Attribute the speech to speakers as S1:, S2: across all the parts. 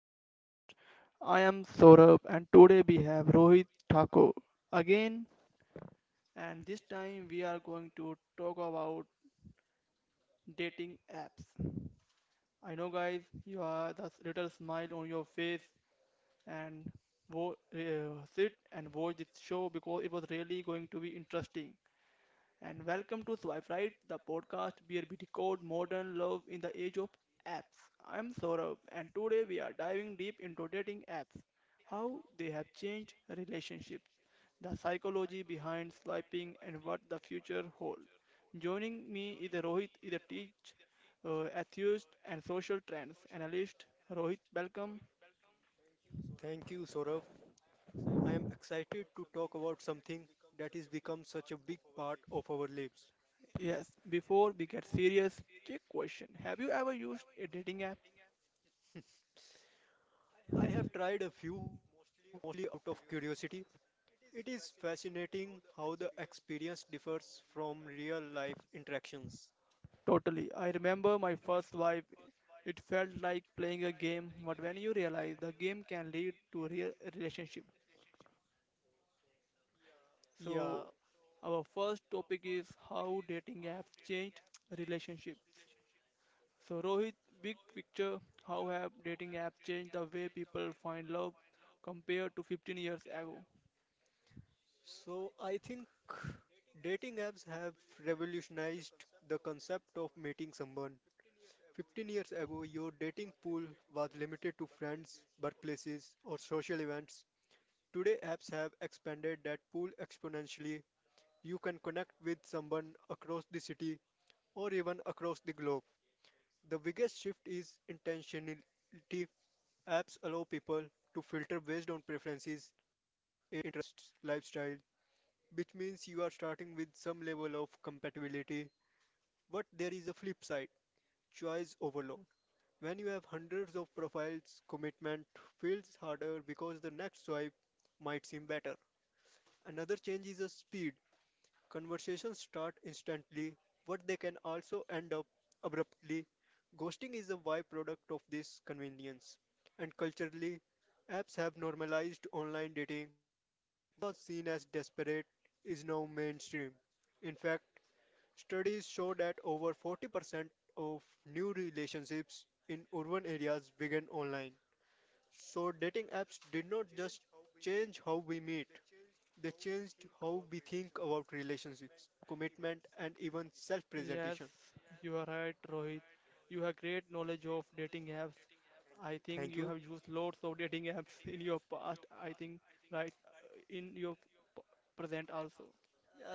S1: podcast. I am Saurabh and today we have Rohit Thakur again, and this time we are going to talk about dating apps. I know guys, you are the little smile on your face and sit and watch this show because it was really going to be interesting. And welcome to Swipe Right, the podcast where we decode modern love in the age of apps. I'm Saurabh and today we are diving deep into dating apps: how they have changed relationships, the psychology behind swiping, and what the future holds. Joining me is Rohit, is a teach, atheist, and social trends analyst. Rohit, welcome.
S2: Thank you, Saurav. I am excited to talk about something that has become such a big part of our lives.
S1: Yes, before we get serious, quick question: Have you ever used a dating app?
S2: I have tried a few out of curiosity. It is fascinating how the experience differs from real life interactions.
S1: Totally. I remember my first swipe. It felt like playing a game, but when you realize the game can lead to real relationship.
S2: Yeah,
S1: So, our first topic is how dating apps changed relationships. So, Rohit, big picture, how have dating apps changed the way people find love compared to 15 years ago?
S2: so I think dating apps have revolutionized the concept of meeting someone. 15 years ago, your dating pool was limited to friends, workplaces, or social events. Today, apps have expanded that pool exponentially. You can connect with someone across the city or even across the globe. The biggest shift is intentionality. Apps allow people to filter based on preferences, interests, lifestyle, which means you are starting with some level of compatibility. But there is a flip side, choice overload. When you have hundreds of profiles, commitment feels harder because the next swipe might seem better. Another change is the speed. Conversations start instantly, but they can also end up abruptly. Ghosting is a byproduct of this convenience. And culturally, apps have normalized online dating. What was seen as desperate is now mainstream. In fact, studies show that over 40% of new relationships in urban areas began online. So, dating apps did not just change how we meet, they changed how we think about relationships, commitment, and even self presentation.
S1: Yes, you are right, Rohit. You have great knowledge of dating apps. I
S2: Thank you.
S1: think you have used lots of dating apps in your past, I think, right, in your p- present also.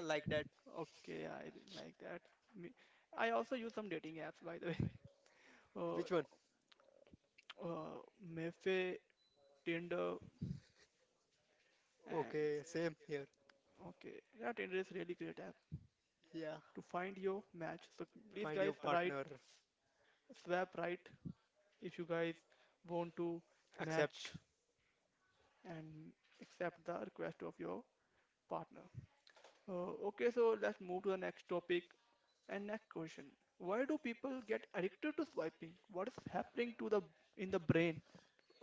S2: I like that.
S1: Okay, I like that. Me- I also use some dating apps, by the way. Uh,
S2: Which one?
S1: Good. Mefe, Tinder, and
S2: Okay, same here.
S1: okay, yeah, Tinder is really great app
S2: Yeah,
S1: to find your match. So please
S2: find
S1: guys
S2: your
S1: write
S2: partner,
S1: swap right if you guys want to
S2: accept.
S1: match and accept the request of your partner. Okay, so let's move to the next topic and next question. Why do people get addicted to swiping? What is happening to the in the brain?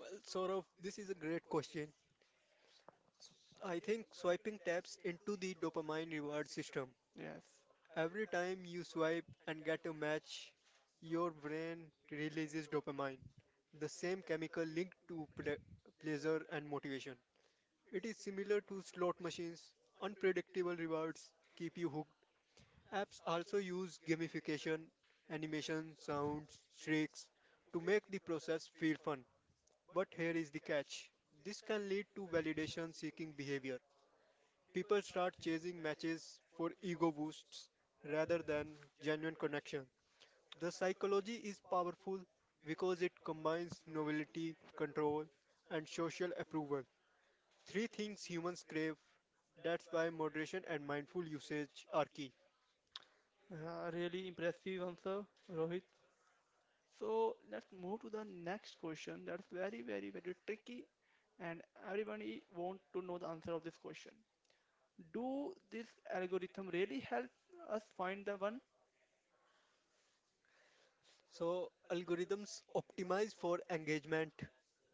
S2: Well, Saurav, this is a great question. I think swiping taps into the dopamine reward system.
S1: Yes,
S2: Every time you swipe and get a match, your brain releases dopamine, the same chemical linked to pleasure and motivation. It is similar to slot machines; unpredictable rewards keep you hooked. Apps also use gamification, animation, sounds, tricks to make the process feel fun. But here is the catch. This can lead to validation seeking behavior. People start chasing matches for ego boosts rather than genuine connection. The psychology is powerful because it combines novelty, control, and social approval. Three things humans crave. That's why moderation and mindful usage are key.
S1: really impressive answer, Rohit. So let's move to the next question. That's very, very, very tricky, and everyone want to know the answer of this question. Do this algorithm really help us find the one?
S2: So, algorithms optimize for engagement,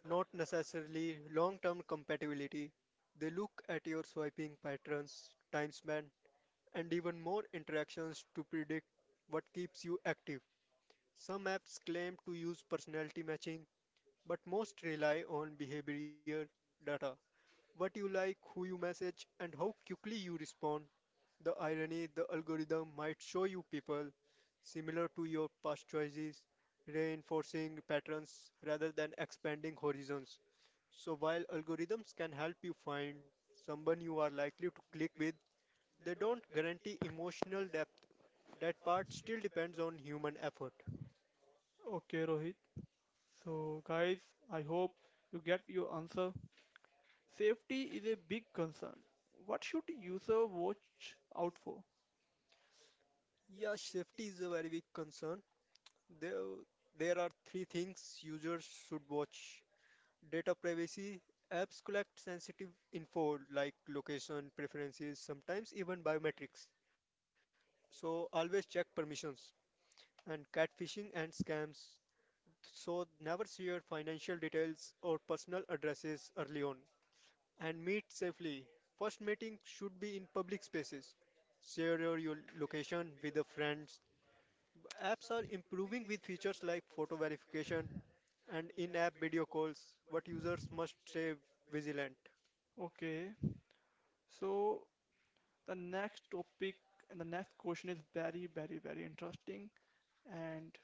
S2: not necessarily long term compatibility. They look at your swiping patterns, time span, and even more interactions to predict what keeps you active. Some apps claim to use personality matching, but most rely on behavior data. What you like, who you message, and how quickly you respond. The irony, the algorithm might show you people similar to your past choices, reinforcing patterns rather than expanding horizons. So while algorithms can help you find someone you are likely to click with, they don't guarantee emotional depth. That part still depends on human effort.
S1: Okay, Rohit. So guys, I hope you get your answer. Safety is a big concern. What should user watch out for?
S2: Yeah, safety is a very big concern. There, there are three things users should watch. Data privacy, apps collect sensitive info like location, preferences, sometimes even biometrics. So always check permissions, and catfishing and scams. So never share financial details or personal addresses early on, and meet safely. First meeting should be in public spaces. Share your location with the friends. Apps are improving with features like photo verification and in-app video calls, but users must stay vigilant.
S1: Okay, so the next topic and the next question is very, very, very interesting and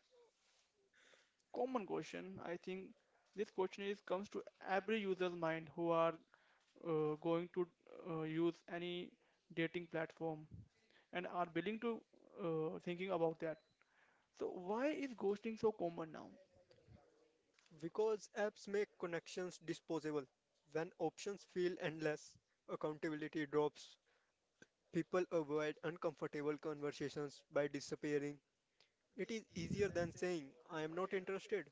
S1: common question. I think this question is comes to every user's mind who are going to use any dating platform and are willing to thinking about that. So why is ghosting so common now?
S2: Because apps make connections disposable, when options feel endless, accountability drops. People avoid uncomfortable conversations by disappearing. It is easier than saying, I am not interested.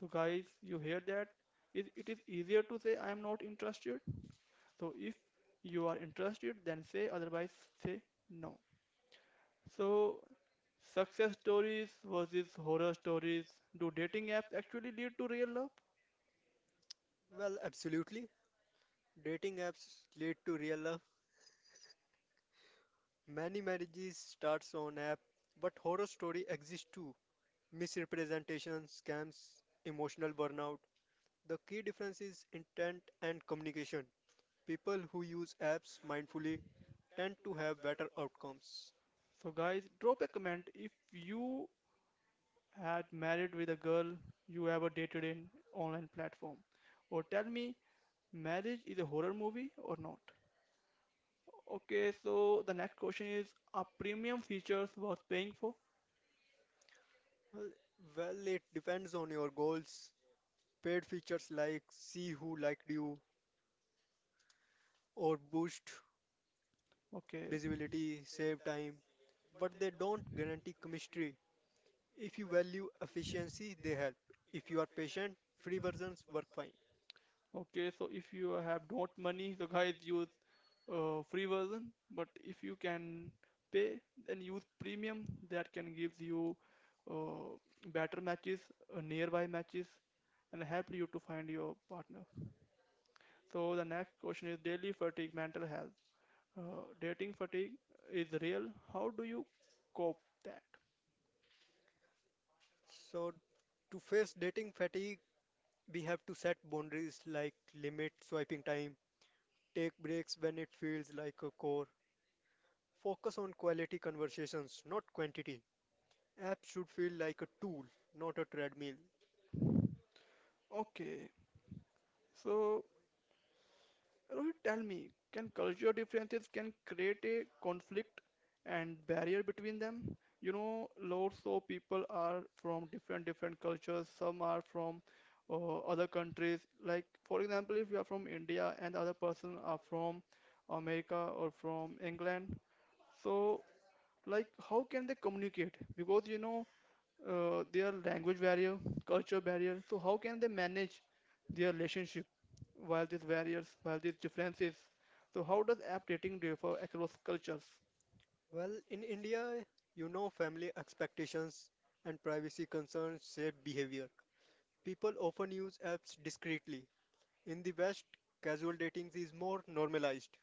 S1: So guys, you hear that? Is it is easier to say I am not interested. So if you are interested, then say otherwise say no. So, success stories versus horror stories. Do dating apps actually lead to real love?
S2: Well, absolutely. Dating apps lead to real love. Many marriages start on app, but horror story exists too. Misrepresentation, scams, emotional burnout. The key difference is intent and communication. People who use apps mindfully tend to have better outcomes.
S1: So, guys, drop a comment if you had married with a girl you ever dated in online platform, or tell me marriage is a horror movie or not. Okay, so the next question is: Are premium features worth paying for?
S2: Well, well, it depends on your goals. Paid features like see who liked you or boost
S1: Okay.
S2: visibility save time, but they don't guarantee chemistry. If you value efficiency, they help. If you are patient, free versions work fine.
S1: Okay, so if you have not money, so guys use free version. But if you can pay, then use premium. That can gives you uh, better matches, nearby matches, and help you to find your partner. So the next question is daily fatigue, mental health. Dating fatigue is real. How do you cope that?
S2: So, to face dating fatigue, we have to set boundaries like limit swiping time, take breaks when it feels like a chore, focus on quality conversations, not quantity. Apps should feel like a tool, not a treadmill.
S1: Okay, so Rohit, tell me, can culture differences can create a conflict and barrier between them? You know, lots of people are from different different cultures. Some are from other countries. Like for example, if you are from India and the other person are from America or from England, so like how can they communicate? Because you know their language barrier, culture barrier. So how can they manage their relationship while these barriers, while these differences? So how does app dating differ across cultures?
S2: Well, in India, you know family expectations and privacy concerns shape behavior. People often use apps discreetly. In the West, casual dating is more normalized.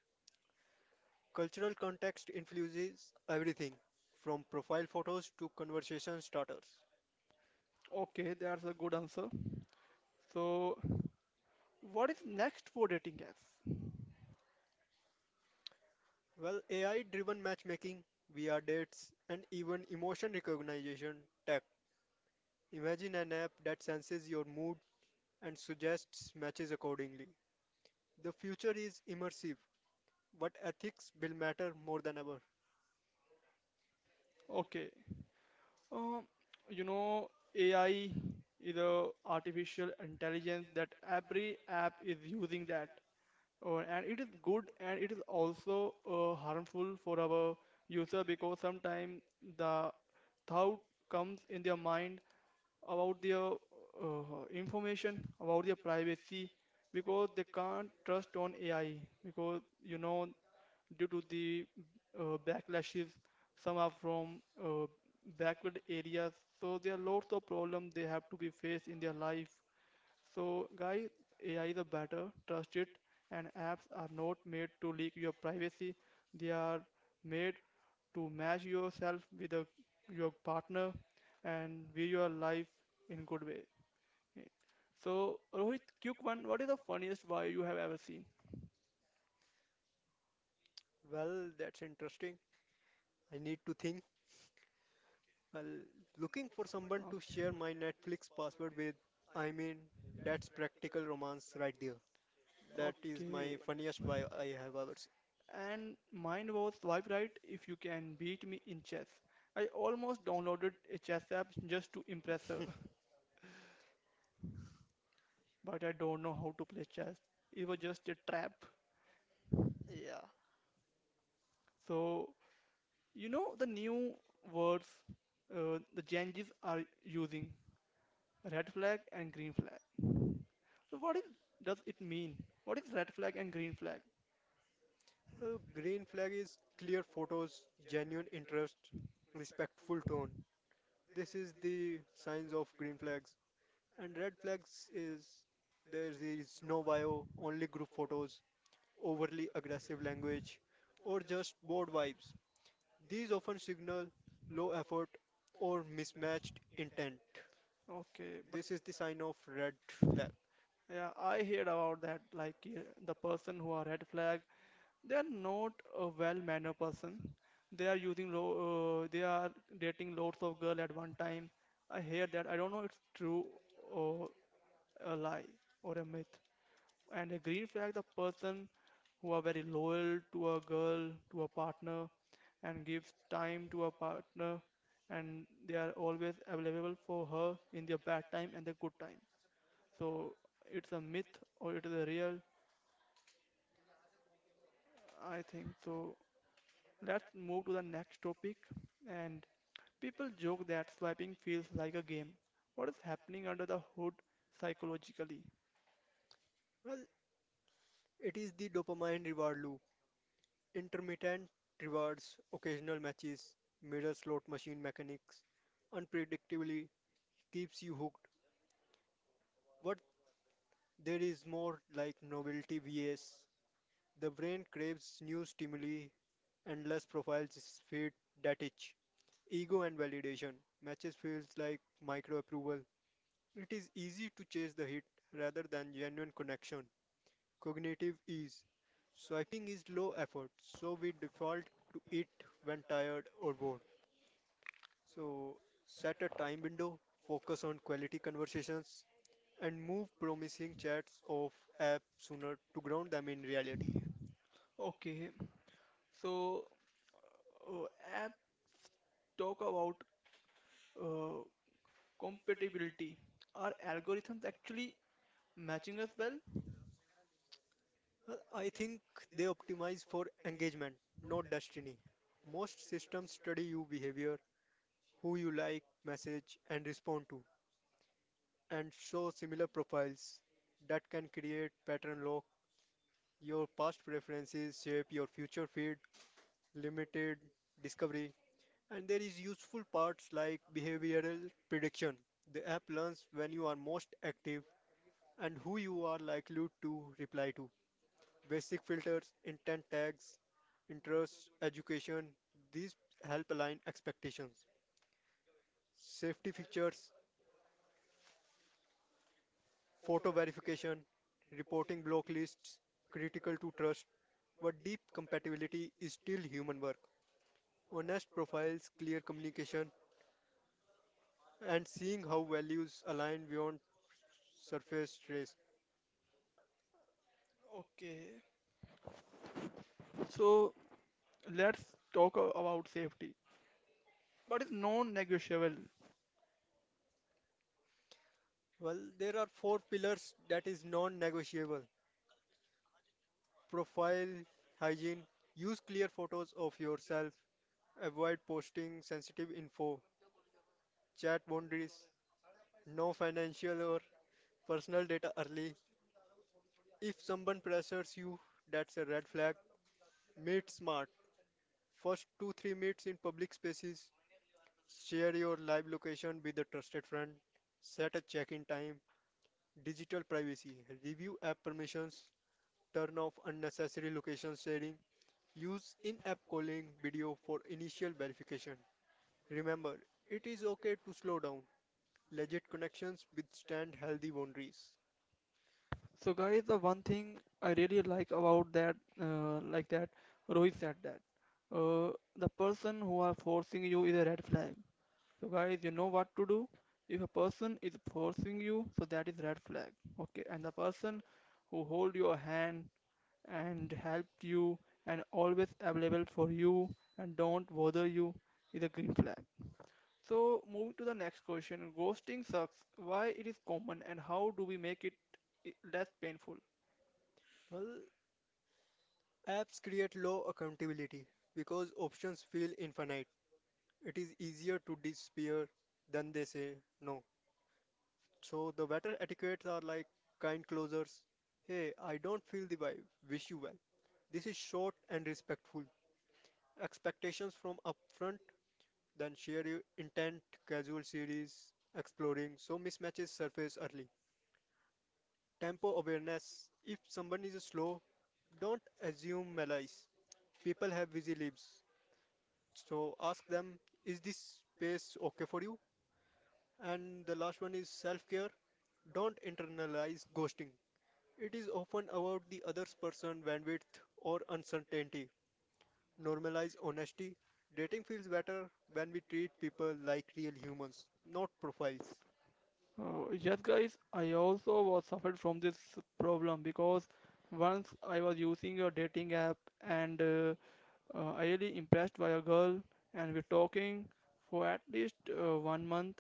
S2: Cultural context influences everything, from profile photos to conversation starters.
S1: Okay, that's a good answer. So what is next for dating apps?
S2: Well, AI driven matchmaking, VR dates, and even emotion recognition tech. Imagine an app that senses your mood and suggests matches accordingly. The future is immersive, but ethics will matter more than ever.
S1: Okay, um, you know AI is a artificial intelligence that every app is using that. Oh, and it is good and it is also harmful for our user because sometimes the thought comes in their mind about their information, about their privacy, because they can't trust on AI. Because you know, due to the backlashes, some are from backward areas, so there are lots of problems they have to be faced in their life. So, guys, AI is a better, trust it, and apps are not made to leak your privacy. They are made to match yourself with your partner and view your life in good way. Yeah. So Rohit, quick one. What is the funniest why you have ever seen?
S2: Well, that's interesting. I need to think. Well, looking for someone to
S1: Okay.
S2: share my Netflix password with. I mean, that's practical romance right there. That is my
S1: Okay.
S2: funniest buy I have ever seen.
S1: And mine was swipe right if you can beat me in chess. I almost downloaded a chess app just to impress her, but I don't know how to play chess. It was just a trap. So you know the new words the Gen Zs are using red flag and green flag. So what is does it mean? What is red flag and green flag?
S2: Green flag is clear photos, genuine interest, respectful tone. This is the signs of green flags. And red flags is there is no bio, only group photos, overly aggressive language, or just bored vibes. These often signal low effort or mismatched intent.
S1: Okay, but
S2: This is the sign of red flag.
S1: yeah, I heard about that. Like the person who are red flag, they are not a well-mannered person. They are using they are dating lots of girl at one time. I hear that. I don't know it's true or a lie or a myth. And a green flag, the person who are very loyal to a girl, to a partner, and gives time to a partner, and they are always available for her in their bad time and their good time. So it's a myth or it is a real, I think. So let's move to the next topic. And people joke that swiping feels like a game. What is happening under the hood psychologically?
S2: Well, it is the dopamine reward loop, intermittent rewards, occasional matches, mirror slot machine mechanics, unpredictably keeps you hooked. But there is more like novelty vs. The brain craves new stimuli, endless profiles feed that itch. Ego and validation. Matches feels like micro approval. It is easy to chase the hit rather than genuine connection. Cognitive ease. Swiping is low effort, so we default to it when tired or bored. So set a time window, focus on quality conversations, and move promising chats off app sooner to ground them in reality.
S1: Okay, so uh, app talk about uh, compatibility. Are algorithms actually matching us well?
S2: I think they optimize for engagement, not destiny. Most systems study your behavior, who you like, message, and respond to, and show similar profiles that can create pattern lock. Your past preferences shape your future feed, limited discovery, and there is useful parts like behavioral prediction. The app learns when you are most active and who you are likely to reply to. Basic filters, intent tags, interests, education. These help align expectations. Safety features, photo verification, reporting block lists, critical to trust. But deep compatibility is still human work. Honest profiles, clear communication, and seeing how values align beyond surface trace.
S1: Okay. So let's talk about safety. What is non-negotiable?
S2: Well, there are four pillars that is non-negotiable. Profile, hygiene, use clear photos of yourself. Avoid posting sensitive info, chat boundaries, no financial or personal data early. If someone pressures you, that's a red flag. Meet smart. First 2-3 meets in public spaces. Share your live location with a trusted friend. Set a check-in time. Digital privacy. Review app permissions. Turn off unnecessary location sharing. Use in-app calling video for initial verification. Remember, it is okay to slow down. Legit connections withstand healthy boundaries?
S1: So guys, the one thing I really like about that, like that, Rohit said that. The person who are forcing you is a red flag. So guys, you know what to do. If a person is forcing you, so that is red flag. Okay, and the person who hold your hand and help you and always available for you and don't bother you is a green flag. So, moving to the next question, ghosting sucks. Why it is common and how do we make it less painful?
S2: Well, apps create low accountability because options feel infinite. It is easier to disappear than they say no. So the better etiquettes are like kind closures. Hey, I don't feel the vibe. Wish you well. This is short and respectful. Expectations from upfront, then share your intent, casual series, exploring, so mismatches surface early. Tempo awareness. If someone is slow, don't assume malice. People have busy lives. So ask them, is this pace okay for you? And the last one is self care. Don't internalize ghosting. It is often about the other person's bandwidth or uncertainty. Normalize honesty. Dating feels better when we treat people like real humans, not profiles.
S1: Oh, yes, guys, I also was suffered from this problem because once I was using a dating app and I really impressed by a girl and we're talking for at least 1 month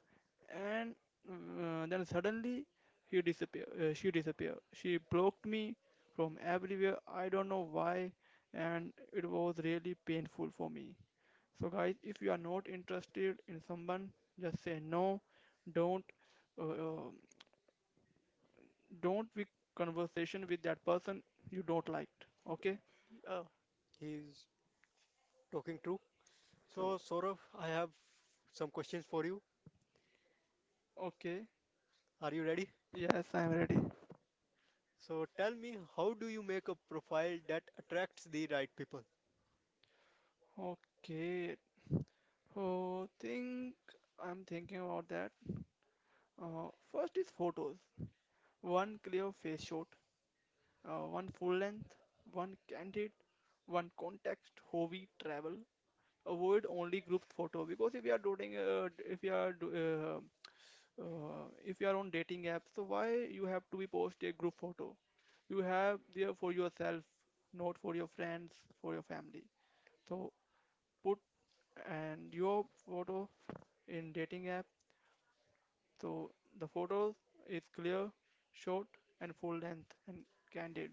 S1: and then suddenly he disappear she disappeared. She blocked me from everywhere. I don't know why and it was really painful for me. So, guys, if you are not interested in someone, just say no. Don't uh, um, don't be conversation with that person you don't like. Okay?
S2: Yeah, he is talking true. So,
S1: So,
S2: Saurav, I have some questions for you.
S1: okay.
S2: Are you ready?
S1: Yes, I'm ready.
S2: So tell me, how do you make a profile that attracts the right people?
S1: Okay. Oh, think I'm thinking about that. First is photos. One clear face shot, one full length, one candid, one context, hobby, travel. Avoid only group photo because if you are doing, if you are do, uh, if you are on dating app, so why you have to be post a group photo? You have there for yourself, not for your friends, for your family. So put and your photo in dating app. So the photos is clear, short and full length and candid.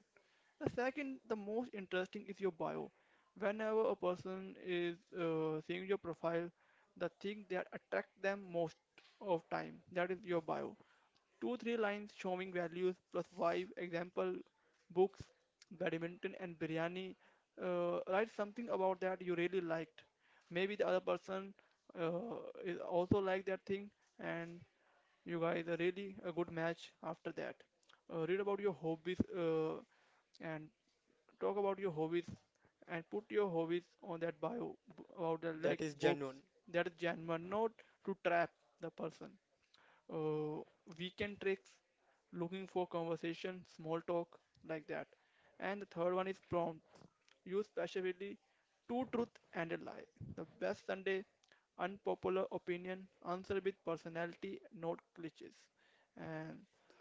S1: The second, the most interesting is your bio. Whenever a person is seeing your profile, the thing that attract them most of time, that is your bio. 2-3 lines showing values plus five example books, badminton and biryani. Write something about that you really liked. Maybe the other person uh, is also like that thing, and you guys are really a good match after that. Read about your hobbies uh, and talk about your hobbies and put your hobbies on that bio about the,
S2: That
S1: like,
S2: is
S1: books
S2: genuine.
S1: that is genuine, not to trap the person. uh, Weekend tricks, looking for conversation, small talk, like that. And the third one is prompts. Use specifically two truth and a lie. The best Sunday, unpopular opinion, answer with personality, not glitches. And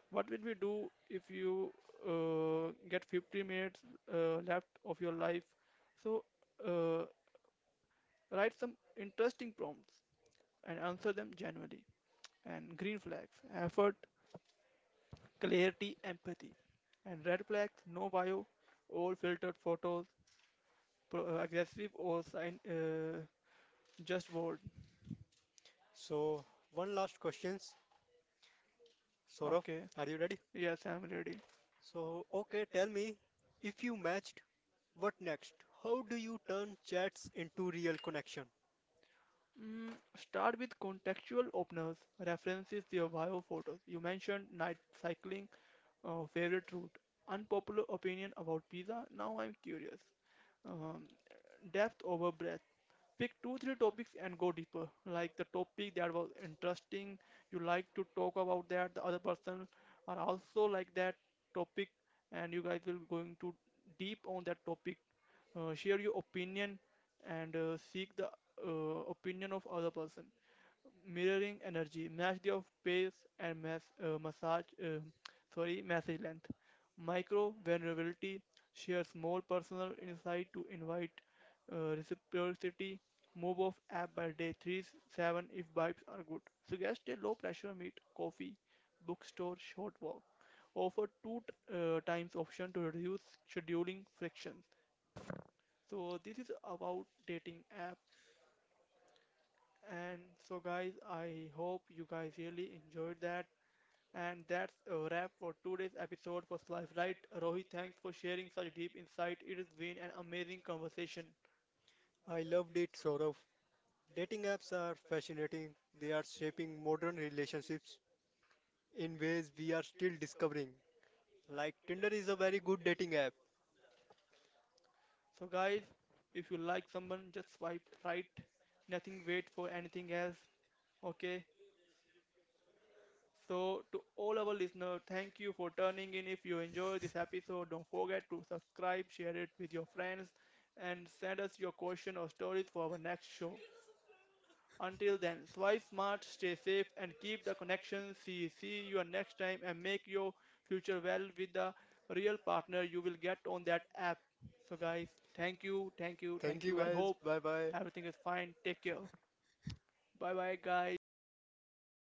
S1: what will we do if you get 50 minutes left of your life? So uh, write some interesting prompts and answer them genuinely, and green flags effort, clarity, empathy. And red flags, no bio, all filtered photos, aggressive or sign, just word.
S2: So one last questions. Saurabh,
S1: Okay,
S2: are you ready?
S1: yes, I'm ready.
S2: So okay, tell me, if you matched, what next? How do you turn chats into real connection?
S1: Start with contextual openers, references your bio photos. You mentioned night cycling, favorite route, unpopular opinion about pizza. Now I'm curious. Um, Depth over breadth. Pick two, three topics and go deeper. Like the topic that was interesting, you like to talk about that. The other person are also like that topic, and you guys will going to deep on that topic. Share your opinion and seek the opinion of other person. Mirroring energy, match the of pace and massage, sorry, message length. Micro vulnerability shares more personal insight to invite reciprocity. Move off app by day 3-7 if vibes are good. Suggest a low pressure meet: coffee, bookstore, short walk. Offer two times option to reduce scheduling frictions. So this is about dating app. And so guys, I hope you guys really enjoyed that. And that's a wrap for today's episode for Slice Right. Rohit, thanks for sharing such deep insight. It has been an amazing conversation.
S2: I loved it, Saurabh. Dating apps are fascinating. They are shaping modern relationships in ways we are still discovering. Like Tinder is a very good dating app.
S1: So, guys, if you like someone, just swipe right. Nothing wait for anything else. Okay. So, to all our listeners, thank you for turning in. If you enjoyed this episode, don't forget to subscribe, share it with your friends, and send us your question or stories for our next show. Until then, swipe smart, stay safe, and keep the connection. See you next time and make your future well with the real partner you will get on that app. So, guys, thank you, thank you,
S2: Thank
S1: thank
S2: you
S1: you. I
S2: guys.
S1: hope
S2: Bye bye.
S1: everything is fine. Take care. Bye bye, guys.